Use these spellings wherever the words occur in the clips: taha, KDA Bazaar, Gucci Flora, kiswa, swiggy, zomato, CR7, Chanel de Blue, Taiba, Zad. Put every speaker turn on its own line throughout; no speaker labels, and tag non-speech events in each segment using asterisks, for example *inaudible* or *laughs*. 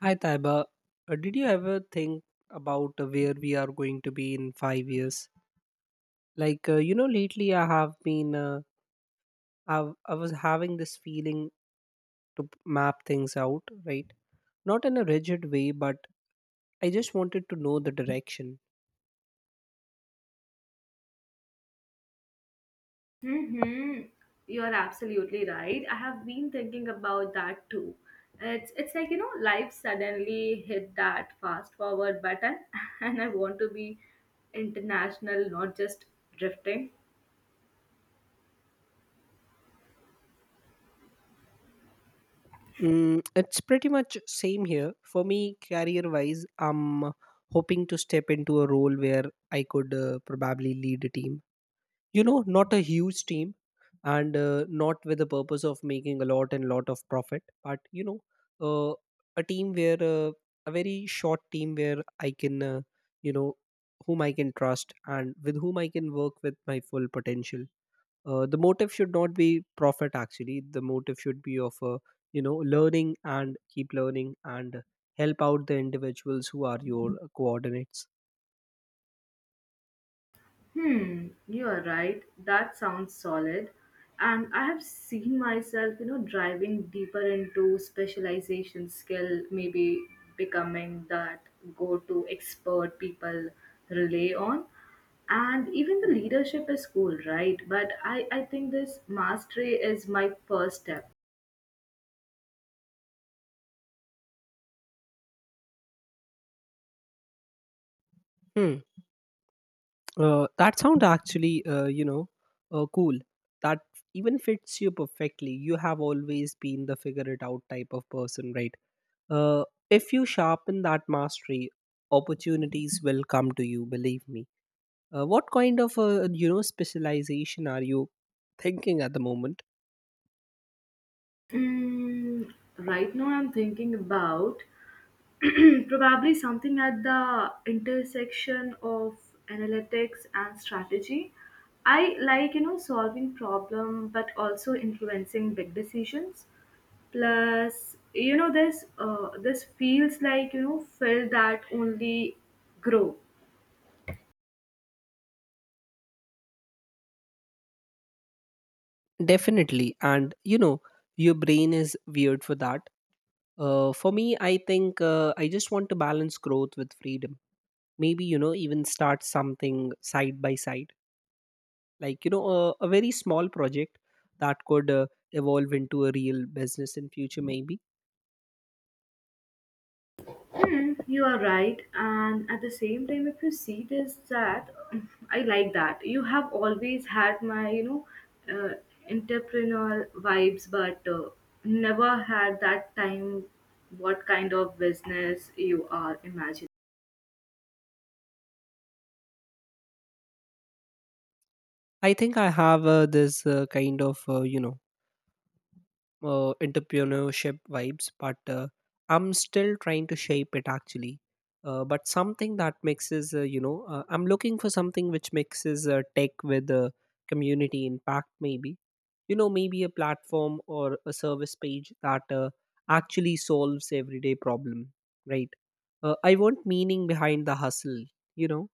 Hi Taiba, did you ever think about where we are going to be in 5 years? Like, lately I have been, I've, I was having this feeling to map things out, right? Not in a rigid way, but I just wanted to know the direction.
Hmm. You're absolutely right. I have been thinking about that too. It's like, you know, life suddenly hit that fast forward button *laughs* and I want to be international, not just drifting.
Mm, it's pretty much same here for me, career-wise. I'm hoping to step into a role where I could probably lead a team, not a huge team, and not with the purpose of making a lot and lot of profit, but uh, a team where a very short team where I can you know whom I can trust and with whom I can work with my full potential. The motive should not be profit, actually. The motive should be of learning and keep learning and help out the individuals who are your coordinates.
Hmm, you are right. That sounds solid. And I have seen myself, you know, driving deeper into specialization skill, maybe becoming that go to expert people rely on. And even the leadership is cool, right? But I think this mastery is my first step.
Hmm. That sound actually, cool. That even fits you perfectly. You have always been the figure it out type of person, right? Uh, if you sharpen that mastery, opportunities will come to you. Believe me. What kind of specialization are you thinking at the moment?
Mm, right now, I'm thinking about *clears throat* probably something at the intersection of analytics and strategy. I like, you know, solving problem but also influencing big decisions. Plus, you know, this feels like, you know, field that only grow.
Definitely, and you know your brain is weird for that. For me, I think I just want to balance growth with freedom. Maybe even start something side by side, like a very small project that could evolve into a real business in future maybe.
Think, you are right, and at the same time, if you see this, that *clears throat* I like that you have always had my, you know, entrepreneurial vibes, but never had that time. What kind of business you are imagining?
I think I have this kind of entrepreneurship vibes, but I'm still trying to shape it actually. But something that mixes, I'm looking for something which mixes tech with community impact, maybe. You know, maybe a platform or a service page that actually solves everyday problem, right? I want meaning behind the hustle, you know.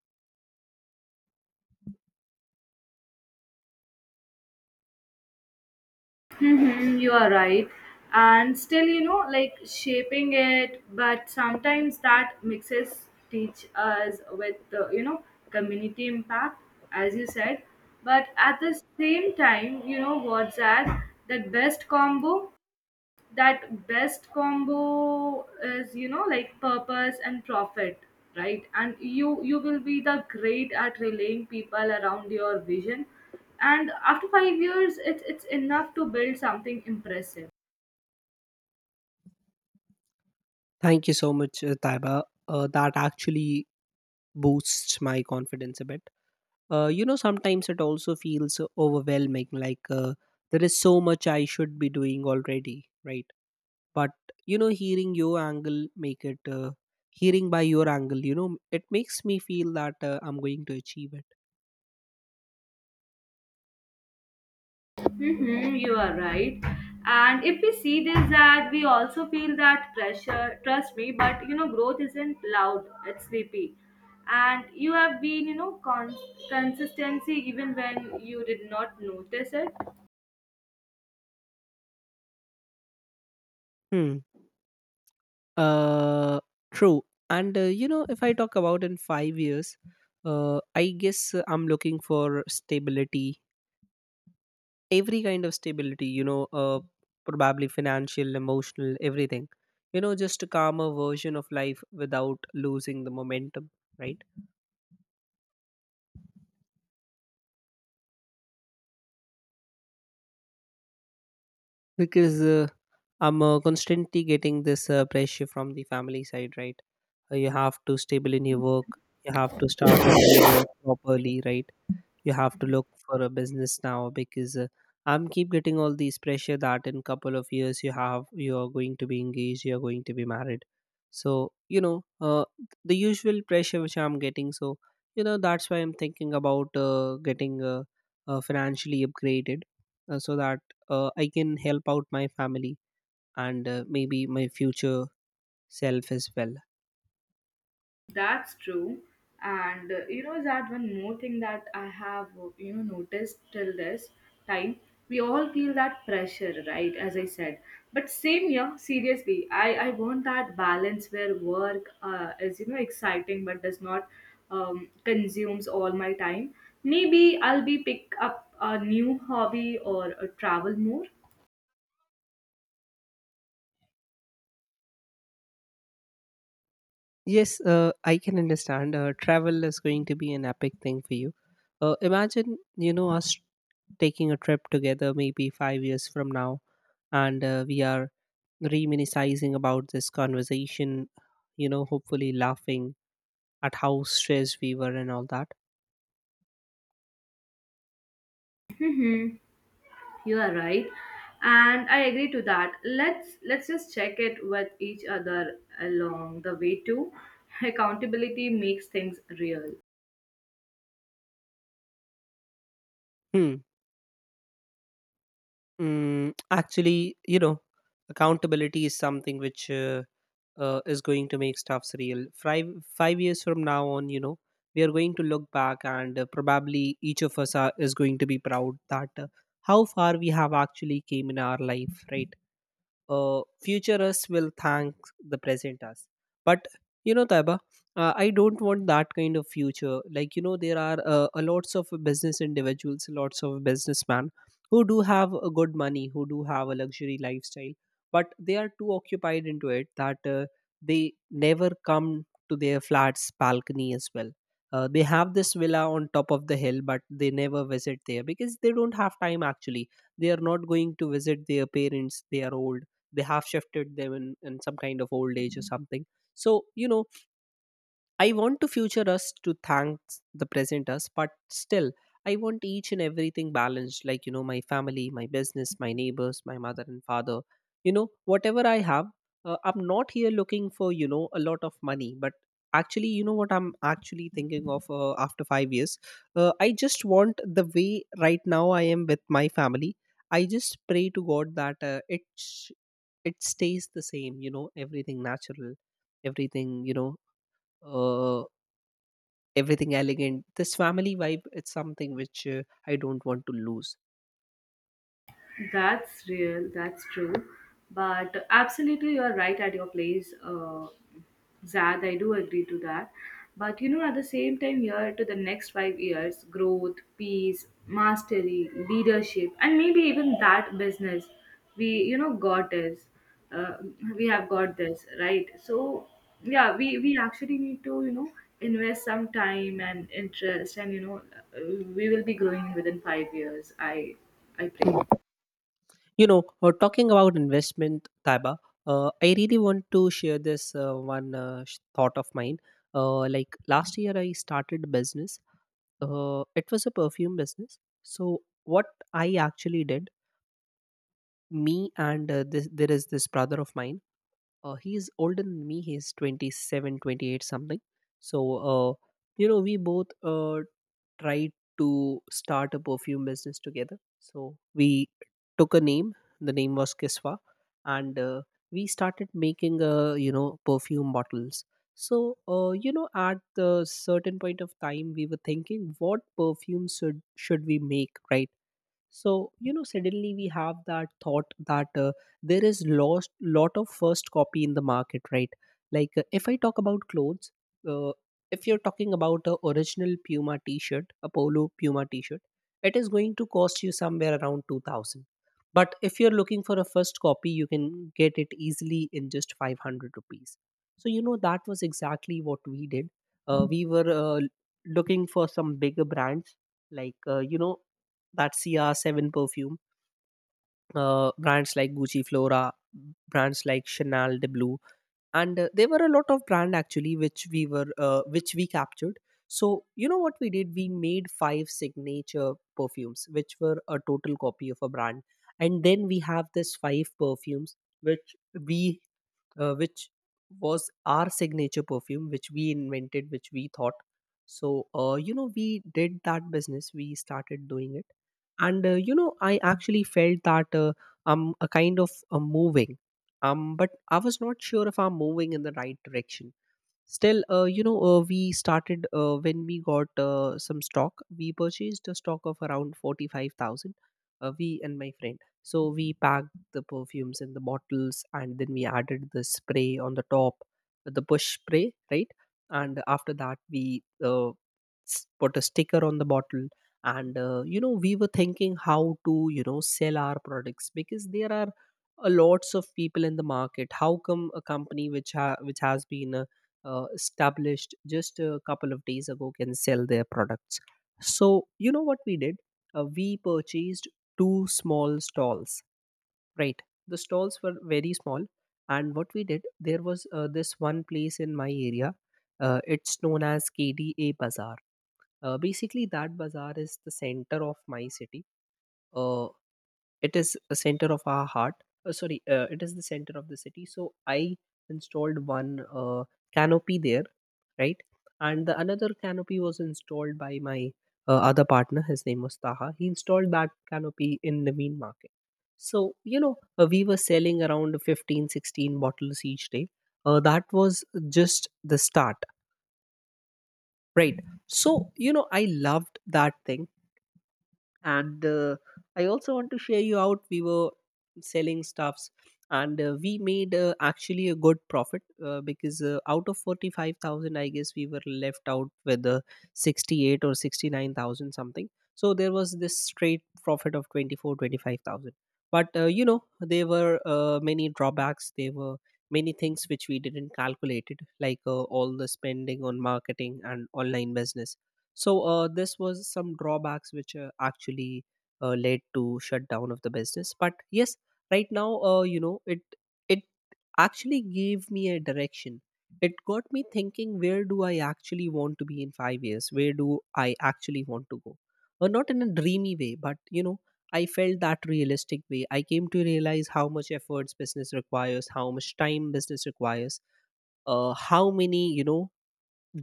Mm-hmm, you are right. And still, you know, like shaping it, but sometimes that mixes teach us with, you know, community impact, as you said. But at the same time, you know, what's that? That best combo? That best combo is, you know, like purpose and profit, right? And you will be the great at relaying people around your vision, and after 5 years, it's enough to build something impressive.
Thank you so much, Taiba. That actually boosts my confidence a bit. Sometimes it also feels overwhelming, like, there is so much I should be doing already, right? But you know hearing your angle make it uh, hearing by your angle, it makes me feel that I'm going to achieve it.
Hmm, you are right. And if we see this, that we also feel that pressure, trust me, but you know, growth isn't loud, it's sleepy. And you have been, you know, consistency even when you did not notice it.
Hmm. uh True. And if I talk about in 5 years, I guess I'm looking for stability. Every kind of stability, probably financial, emotional, everything. Just a calmer version of life without losing the momentum, right? Because I'm constantly getting this pressure from the family side, right? You have to stable in your work, you have to start a new work properly, right? You have to look for a business now, because I'm keep getting all these pressure that in couple of years, you are going to be engaged, you are going to be married. So you know uh, the usual pressure which I'm getting. So that's why I'm thinking about getting financially upgraded, so that I can help out my family, and maybe my future self as well.
That's true. And you know that one more thing that I have you know noticed till this time, we all feel that pressure, right? As I said, but same here. Seriously, I want that balance where work is you know exciting but does not consumes all my time. Maybe I'll be pick up a new hobby or travel more.
Yes, I can understand. Travel is going to be an epic thing for you. Imagine, us taking a trip together maybe 5 years from now, and we are reminiscing about this conversation, hopefully laughing at how stressed we were and all that.
*laughs* You are right, and I agree to that. Let's just check it with each other along the way too. *laughs* Accountability makes things real.
Hmm. Mm, actually, accountability is something which is going to make stuffs real. Five years from now on, we are going to look back, and probably each of us is going to be proud that how far we have actually came in our life, right? Future us will thank the present us. But Taiba, I don't want that kind of future. Like, there are a lots of business individuals, lots of businessmen who do have a good money, who do have a luxury lifestyle, but they are too occupied into it that they never come to their flat's balcony as well. They have this villa on top of the hill, but they never visit there because they don't have time actually. They are not going to visit their parents. They are old. They have shifted them in some kind of old age or something. So I want to future us to thank the present us, but still I want each and everything balanced, like, my family, my business, my neighbors, my mother and father. Whatever I have, I'm not here looking for a lot of money, but actually, you know what I'm actually thinking of, after 5 years, I just want the way right now I am with my family. I just pray to God that it stays the same, everything natural, everything, uh, everything elegant. This family vibe, it's something which I don't want to lose.
That's real. That's true. But absolutely, you are right at your place, Zad. I do agree to that. But you know, at the same time, here to the next 5 years, growth, peace, mastery, leadership, and maybe even that business, we you know got this. Uh, we have got this right. So yeah, we actually need to you know invest some time and interest, and you know we will be growing within 5 years. I
Hmm.
pray.
Talking about investment, Taiba, I really want to share this one thought of mine. Like, last year I started a business. It was a perfume business. So what I actually did, me and there is this brother of mine. He's older than me, he's 27 28 something. So uh, we both tried to start a perfume business together. So we took a name. The name was Kiswa. And we started making perfume bottles. So at the certain point of time, we were thinking what perfume should we make, right? So suddenly we have that thought that there is lost lot of first copy in the market, right? Like, if I talk about clothes, uh, if you're talking about a original Puma t-shirt, a polo Puma t-shirt, it is going to cost you somewhere around 2000. But if you're looking for a first copy, you can get it easily in just 500 rupees. So that was exactly what we did. We were looking for some bigger brands, like that CR7 perfume, brands like Gucci Flora, brands like Chanel de Blue, and there were a lot of brand actually which we were which we captured. So you know what we did? We made five signature perfumes, which were a total copy of a brand. And then we have this five perfumes which we which was our signature perfume, which we invented, which we thought. So we did that business. We started doing it, and I actually felt that I'm a kind of moving, but I was not sure if I'm moving in the right direction. Still, we started when we got some stock. We purchased a stock of around 45,000, we and my friend. So we packed the perfumes in the bottles and then we added the spray on the top, the bush spray, right? And after that, we put a sticker on the bottle. And, we were thinking how to, sell our products, because there are a lots of people in the market. How come a company which which has been established just a couple of days ago can sell their products? So, you know what we did? We purchased two small stalls, right? The stalls were very small. And what we did, there was this one place in my area. It's known as KDA Bazaar. Basically, that bazaar is the center of my city. Uh, it is a center of our heart, sorry, it is the center of the city. So I installed one uh, canopy there, right. And the another canopy was installed by my other partner. His name was Taha. He installed that canopy in the mean market. So we were selling around 15, 16 bottles each day. That was just the start, right. So I loved that thing. And I also want to share you out, we were selling stuffs, and we made actually a good profit because out of 45,000, I guess we were left out with 68 or 69,000 something. So there was this straight profit of 24, 25,000. But you know, there were many drawbacks. There were many things which we didn't calculate, like all the spending on marketing and online business. So this was some drawbacks which actually led to shutdown of the business. But yes, right now, you know, it actually gave me a direction. It got me thinking: where do I actually want to be in 5 years? Where do I actually want to go? Not in a dreamy way, but you know, I felt that realistic way. I came to realize how much efforts business requires, how much time business requires, how many you know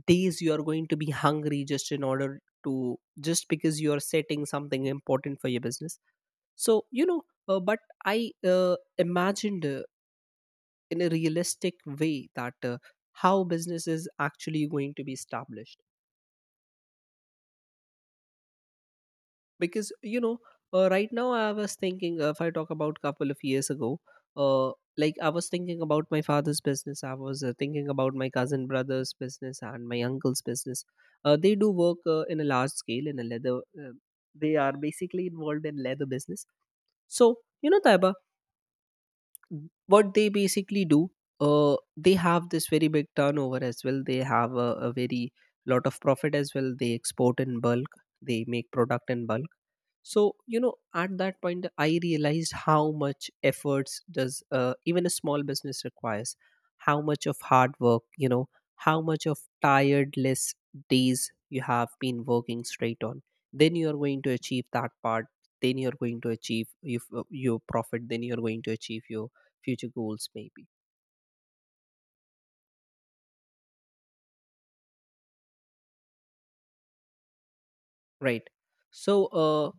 days you are going to be hungry just in order to just because you are setting something important for your business. So you know, but I imagined, in a realistic way, that how business is actually going to be established. Because you know, right now I was thinking, if I talk about couple of years ago, uh, like I was thinking about my father's business, I was thinking about my cousin brother's business and my uncle's business. They do work in a large scale in a leather, uh, they are basically involved in leather business. So you know, Taiba, what they basically do, they have this very big turnover as well, they have a very lot of profit as well, they export in bulk, they make product in bulk. So you know, at that point I realized how much efforts does even a small business requires, how much of hard work, you know, how much of tiredless days you have been working straight on, then you are going to achieve that part, then you are going to achieve your profit, then you are going to achieve your future goals maybe, right? So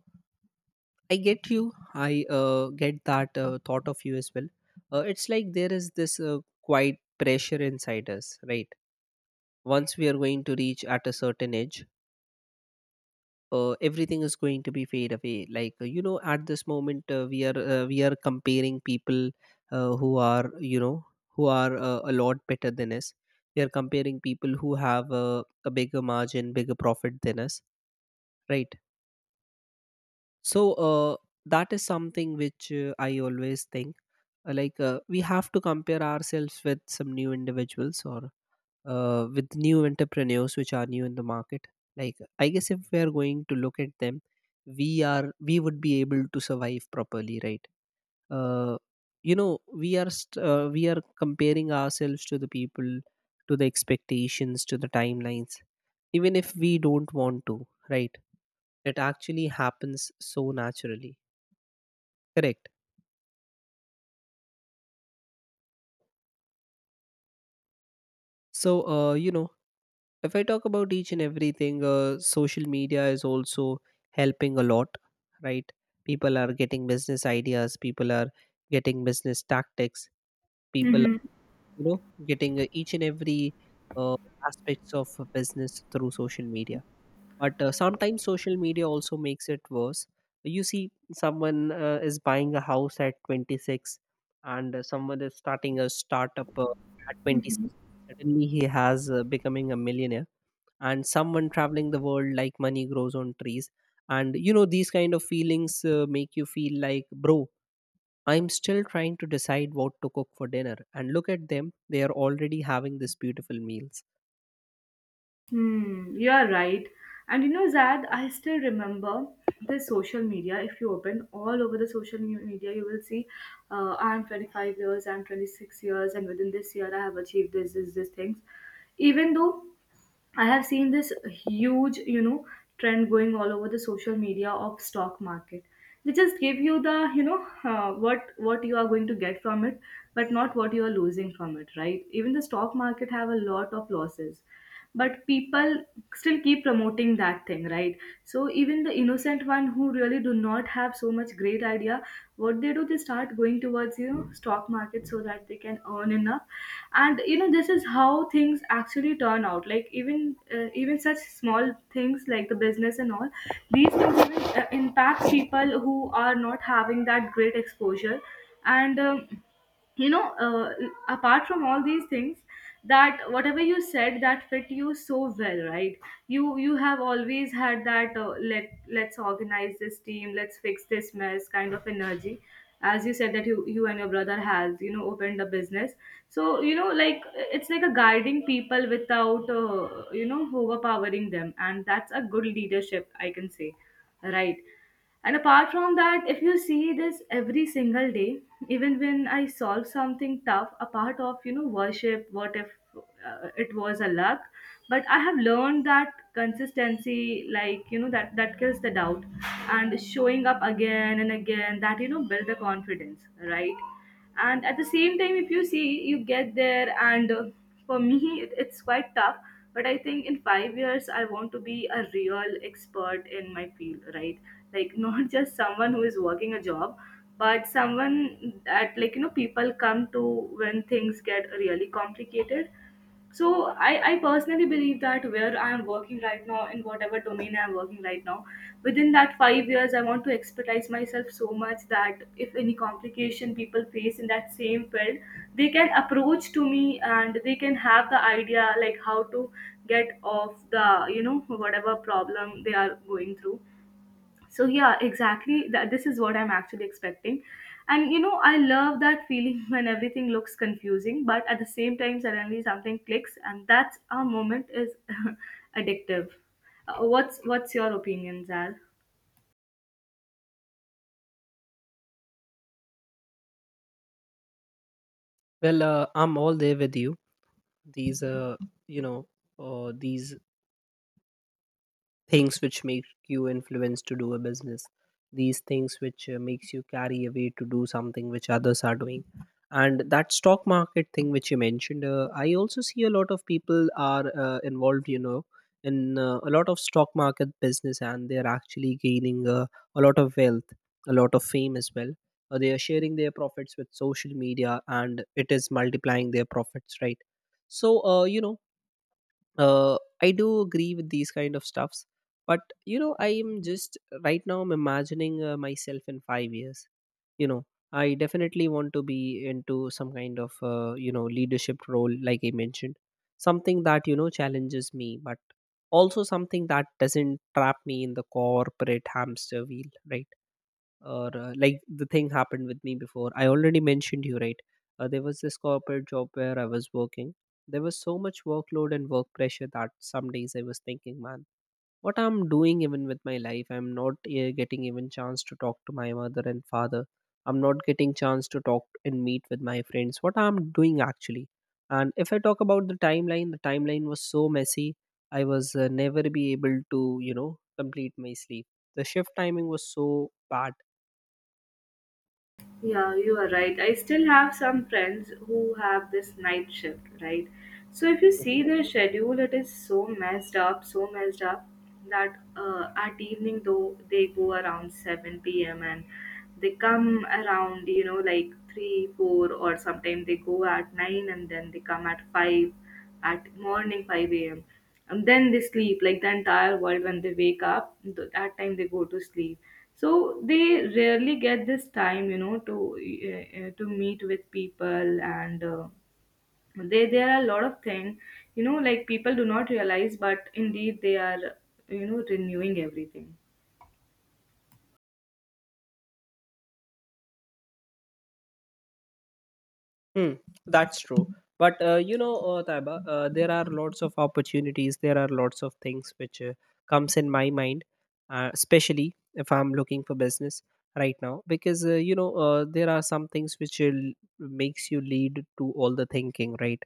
I get you. I get that thought of you as well. It's like there is this quiet pressure inside us, right? Once we are going to reach at a certain age, everything is going to be fade away. Like you know, at this moment, we are comparing people who are you know who are a lot better than us. We are comparing people who have a bigger margin, bigger profit than us, right? So that is something which I always think. Like we have to compare ourselves with some new individuals or with new entrepreneurs which are new in the market. Like I guess if we are going to look at them, we would be able to survive properly, right? uh, you know, we are comparing ourselves to the people, to the expectations, to the timelines, even if we don't want to, right? It actually happens so naturally. Correct. So, you know, if I talk about each and everything, social media is also helping a lot, right? People are getting business ideas, people are getting business tactics, people
Mm-hmm.
you know getting each and every uh, aspects of a business through social media. But sometimes social media also makes it worse. You see someone is buying a house at 26, and someone is starting a startup at 26, suddenly he has becoming a millionaire, and someone traveling the world like money grows on trees. And you know these kind of feelings make you feel like, bro, I'm still trying to decide what to cook for dinner, and look at them, they are already having these beautiful meals.
Hmm, you are right. And you know, Zad, I still remember the social media. If you open all over the social media, you will see I'm 25 years, I'm 26 years, and within this year, I have achieved this, this, this things. Even though I have seen this huge, you know, trend going all over the social media of stock market. They just give you the, you know, what you are going to get from it, but not what you are losing from it, right? Even the stock market have a lot of losses, but people still keep promoting that thing, right? So even the innocent one who really do not have so much great idea, what they do, they start going towards, you know, stock market so that they can earn enough. And, you know, this is how things actually turn out. Like, even such small things like the business and all these things, even impact people who are not having that great exposure. And you know apart from all these things, that whatever you said, that fit you so well, right? You have always had that let's organize this team, let's fix this mess kind of energy. As you said, that you and your brother has, you know, opened a business. So, you know, like it's like a guiding people without you know overpowering them, and that's a good leadership, I can say, right? And apart from that, if you see this every single day, even when I solve something tough, a part of you know worship, what if it was a luck? But I have learned that consistency, like you know, that kills the doubt, and showing up again and again, that you know, build the confidence, right? And at the same time, if you see you get there and for me it's quite tough, but I think in 5 years I want to be a real expert in my field, right? *laughs* Like not just someone who is working a job, but someone that, like you know, people come to when things get really complicated. So I personally believe that where I am working right now, in whatever domain I am working right now, within that 5 years I want to expertise myself so much that if any complication people face in that same field, they can approach to me, and they can have the idea like how to get off the you know whatever problem they are going through. So yeah, exactly that, this is what I'm actually expecting. And you know I love that feeling *laughs* when everything looks confusing but at the same time suddenly something clicks and that our moment is *laughs* addictive. What's your opinion, Zal?
Well, I'm all there with you. These, uh, you know, these things which make you influence to do a business, these things which makes you carry away to do something which others are doing. And that stock market thing which you mentioned, I also see a lot of people are involved, you know, in a lot of stock market business, and they're actually gaining a lot of wealth, a lot of fame as well. They are sharing their profits with social media, and it is multiplying their profits, right? So you know, I do agree with these kind of stuffs. But you know, I am just, right now I'm imagining myself in 5 years. You know, I definitely want to be into some kind of you know leadership role like I mentioned, something that you know challenges me but also something that doesn't trap me in the corporate hamster wheel, right? Or like the thing happened with me before I already mentioned you, right? There was this corporate job where I was working, there was so much workload and work pressure that some days I was thinking, man, what I'm doing even with my life, I'm not getting even chance to talk to my mother and father, I'm not getting chance to talk and meet with my friends, what I'm doing actually. And if I talk about the timeline, the timeline was so messy, I was never be able to you know complete my sleep, the shift timing was so bad.
Yeah, you are right. I still have some friends who have this night shift, right? So if you see their schedule, it is so messed up that at evening though they go around 7 p.m. and they come around, you know, like 3, 4 or sometimes they go at 9 and then they come at 5 at morning 5 a.m. And then they sleep, like the entire world when they wake up, that time they go to sleep. So they rarely get this time, you know, to meet with people, and they there are a lot of things, you know, like people do not realize, but indeed they are, you know, renewing everything.
Hmm, that's true. But you know, Taiba, there are lots of opportunities. There are lots of things which comes in my mind, especially if I'm looking for business right now, because you know there are some things which will makes you lead to all the thinking, right?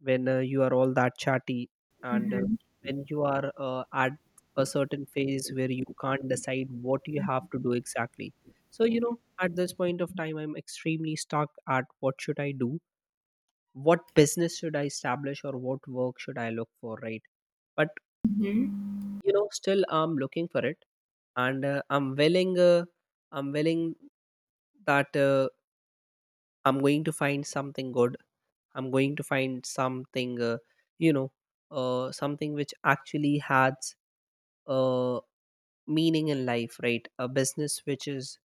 When you are all that chatty, and when you are at a certain phase where you can't decide what you have to do exactly. So you know, at this point of time, I'm extremely stuck at what should I do, what business should I establish, or what work should I look for, right? But
Hmm.
you know, still I'm looking for it, and I'm willing that I'm going to find something good. I'm going to find something, you know, something which actually has uh, meaning in life, right? A business which is,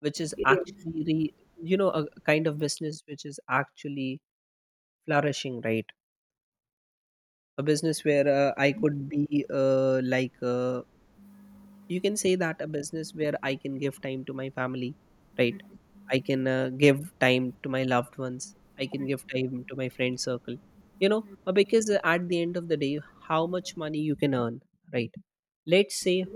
which is
Yes.
actually re, you know, a kind of business which is actually flourishing, right? A business where I could be like you can say that a business where I can give time to my family, right? I can give time to my loved ones. I can give time to my friend circle. You know, because at the end of the day, how much money you can earn, right? Let's say,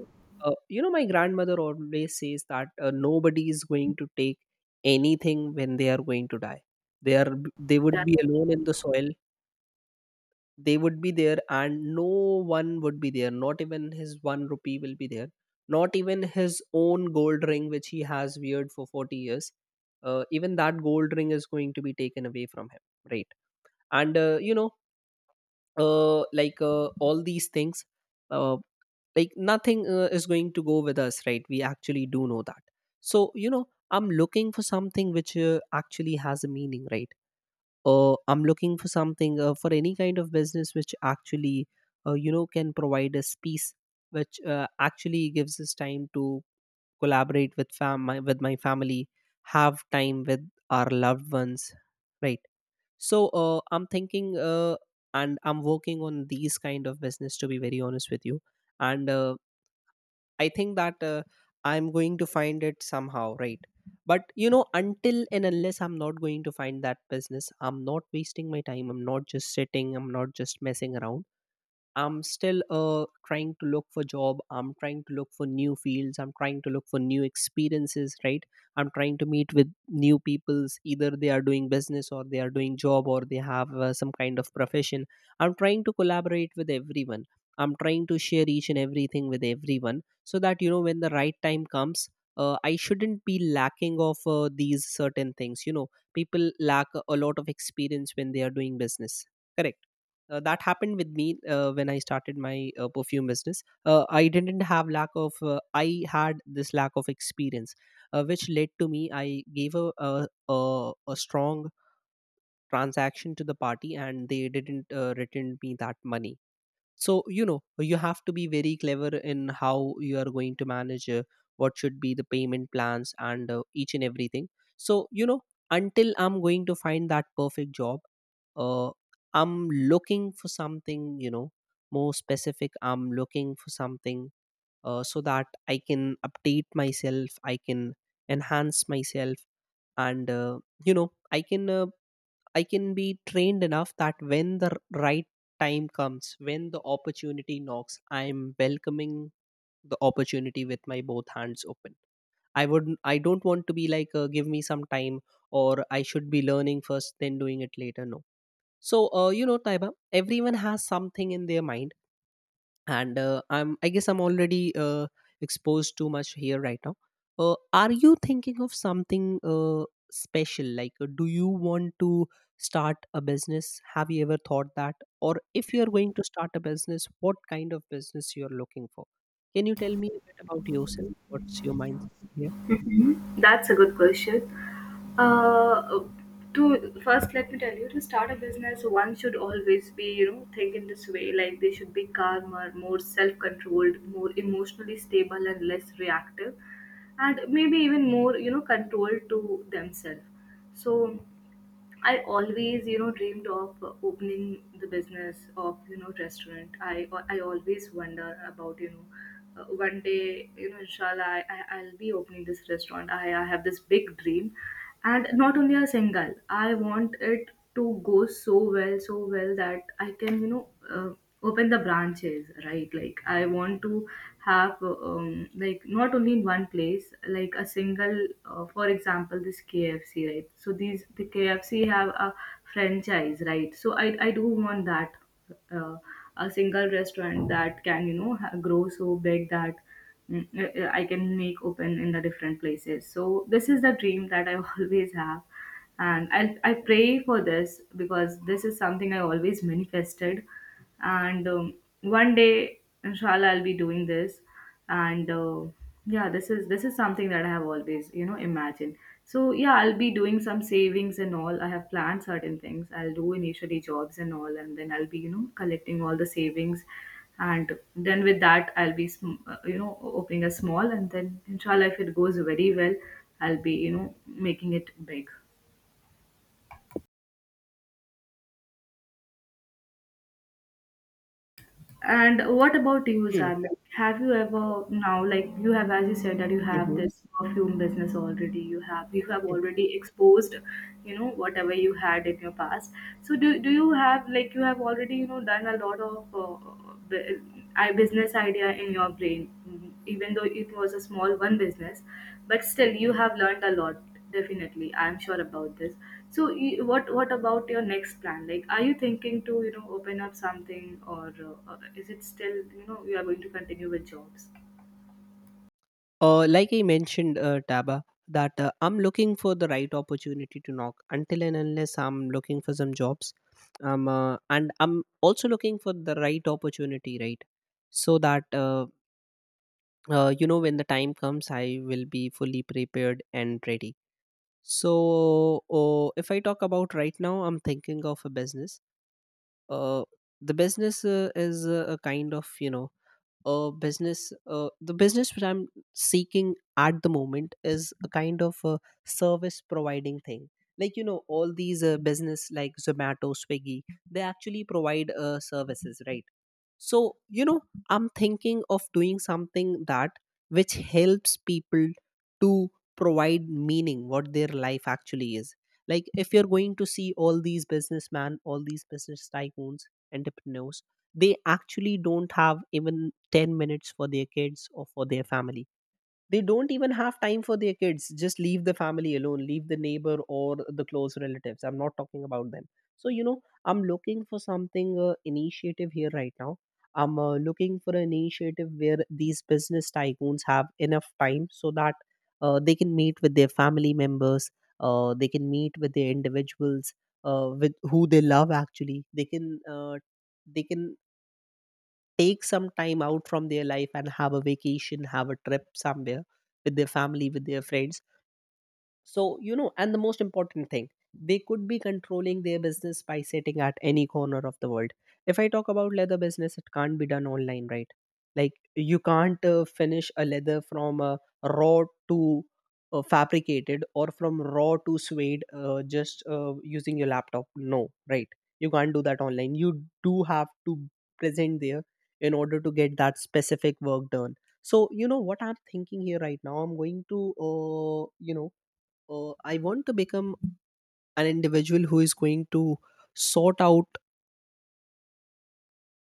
you know, my grandmother always says that nobody is going to take anything when they are going to die. They would be alone in the soil, they would be there, and no one would be there, not even his one rupee will be there, not even his own gold ring which he has weared for 40 years. Even that gold ring is going to be taken away from him, right? And you know, all these things, uh, like nothing is going to go with us, right? We actually do know that. So you know, I'm looking for something which actually has a meaning, right? I'm looking for something, for any kind of business which actually you know can provide us peace, which actually gives us time to collaborate with with my family, have time with our loved ones, right? So I'm thinking, and I'm working on these kind of business, to be very honest with you. And I think that I'm going to find it somehow, right? But you know, until and unless I'm not going to find that business, I'm not wasting my time. I'm not just sitting. I'm not just messing around. I'm still trying to look for job, I'm trying to look for new fields, I'm trying to look for new experiences, right? I'm trying to meet with new peoples, either they are doing business or they are doing job or they have some kind of profession. I'm trying to collaborate with everyone, I'm trying to share each and everything with everyone so that you know when the right time comes, I shouldn't be lacking of these certain things. People lack a lot of experience when they are doing business. Correct. That happened with me when I started my perfume business. I didn't have lack of I had this lack of experience, which led to me. I gave a strong transaction to the party and they didn't return me that money. So you know, you have to be very clever in how you are going to manage what should be the payment plans and each and everything. So you know, until I'm going to find that perfect job, uh, I'm looking for something, you know, more specific. I'm looking for something, so that I can update myself, I can enhance myself, and you know, I can be trained enough that when the right time comes, when the opportunity knocks, I'm welcoming the opportunity with my both hands open. I wouldn't. I don't want to be like, give me some time, or I should be learning first, then doing it later. No. So, you know, Taiba, everyone has something in their mind, and I'm I guess I'm already exposed too much here right now. Are you thinking of something special, like do you want to start a business? Have you ever thought that? Or if you're going to start a business, what kind of business you're looking for? Can you tell me a bit about yourself? What's your mindset here?
Mhm. That's a good question. Uh, to first, let me tell you, to start a business, one should always be, you know, think in this way. Like they should be calmer, more self-controlled, more emotionally stable, and less reactive, and maybe even more, you know, controlled to themselves. So I always, you know, dreamed of opening the business of, you know, restaurant. I always wonder about, you know, one day, you know, inshallah, I'll be opening this restaurant. I have this big dream, and not only a single. I want it to go so well, so well that I can, you know, open the branches, right? Like I want to have, like not only in one place, like a single, for example, this KFC, right? So the KFC have a franchise, right? So I do want that, uh, a single restaurant that can, you know, grow so big that. mm, I can make open in the different places. So this is the dream that I *laughs* always have, and I pray for this because this is something I always manifested. And one day inshallah I'll be doing this, and yeah, this is something that I have always you know imagined. So yeah, I'll be doing some savings and all. I have planned certain things. I'll do initially jobs and all, and then I'll be you know collecting all the savings, and then with that I'll be you know opening a small, and then inshallah if it goes very well, I'll be you know making it big. And what about you, Zad? Like, have you ever now, like you have, as you said, that you have
Mm-hmm.
this perfume business already. You have already exposed, you know, whatever you had in your past. So do you have, like you have already you know done a lot of bu- I business idea in your brain? Mm-hmm, even though it was a small one business, but still you have learned a lot, definitely I'm sure about this. So what about your next plan? Like are you thinking to you know open up something, or is it still you know you are going to continue with jobs?
Like I mentioned, Taba, that I'm looking for the right opportunity to knock. Until and unless, I'm looking for some jobs, and I'm also looking for the right opportunity, right? So that you know, when the time comes, I will be fully prepared and ready. So, if I talk about right now, I'm thinking of a business. Uh, the business is a kind of you know business The business which I'm seeking at the moment is a kind of a service providing thing. Like, you know, all these business like Zomato, Swiggy, they actually provide services, right? So, you know, I'm thinking of doing something that which helps people to provide meaning what their life actually is. Like, if you're going to see all these businessmen, all these business tycoons, entrepreneurs, they actually don't have even 10 minutes for their kids or for their family. They don't even have time for their kids, just leave the family alone, leave the neighbor or the close relatives, I'm not talking about them. So you know, I'm looking for something initiative here right now. I'm looking for an initiative where these business tycoons have enough time, so that they can meet with their family members, they can meet with their individuals, with who they love actually. They can uh, they can take some time out from their life and have a vacation, have a trip somewhere, with their family, with their friends. So, you know, and the most important thing, they could be controlling their business by sitting at any corner of the world. If I talk about leather business, it can't be done online, right? Like, you can't finish a leather from raw to fabricated, or from raw to suede just using your laptop. No, right? You can't do that online. You do have to present there in order to get that specific work done. So, you know, what I'm thinking here right now, I'm going to, you know, I want to become an individual who is going to sort out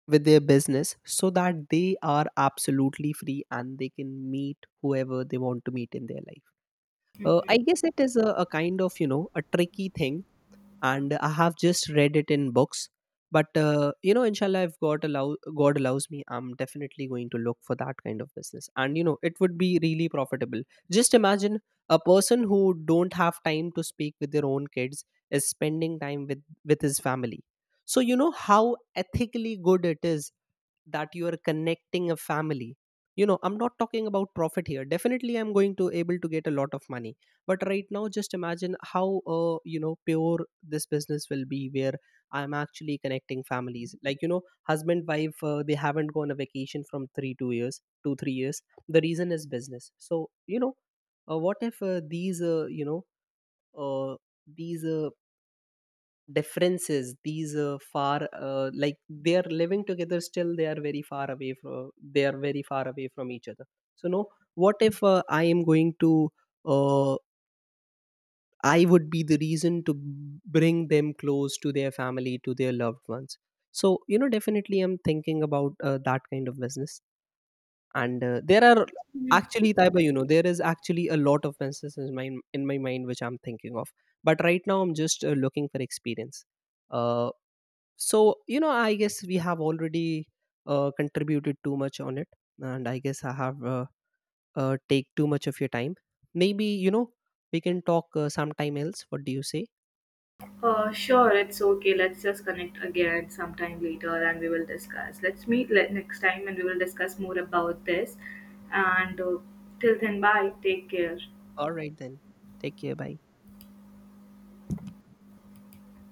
with their business so that they are absolutely free and they can meet whoever they want to meet in their life. I guess it is a kind of, you know, a tricky thing, and I have just read it in books. But you know, inshallah, if God allows me, I'm definitely going to look for that kind of business, and you know, it would be really profitable. Just imagine, a person who don't have time to speak with their own kids is spending time with his family. So you know how ethically good it is that you are connecting a family. You know, I'm not talking about profit here, definitely I'm going to able to get a lot of money. But right now, just imagine how you know, pure this business will be, where I'm actually connecting families. Like, you know, husband, wife, they haven't gone a vacation from 3 2 years 2 3 years. The reason is business. So you know, what if these you know, uh, these differences, these far, like, they are living together, still they are very far away from, they are very far away from each other. So no, what if I am going to, uh, I would be the reason to bring them close to their family, to their loved ones. So you know, definitely I'm thinking about that kind of business. And there are actually, Taiba, you know, there is actually a lot of businesses in my, in my mind which I'm thinking of. But right now, I'm just looking for experience. uh, so you know, I guess we have already contributed too much on it, and I guess I have take too much of your time. Maybe, you know, we can talk sometime else. What do you say?
Sure, it's okay. Let's just connect again sometime later and we will discuss. Let's meet next time and we will discuss more about this. And till then, bye, take care.
All right then. Take care. Bye.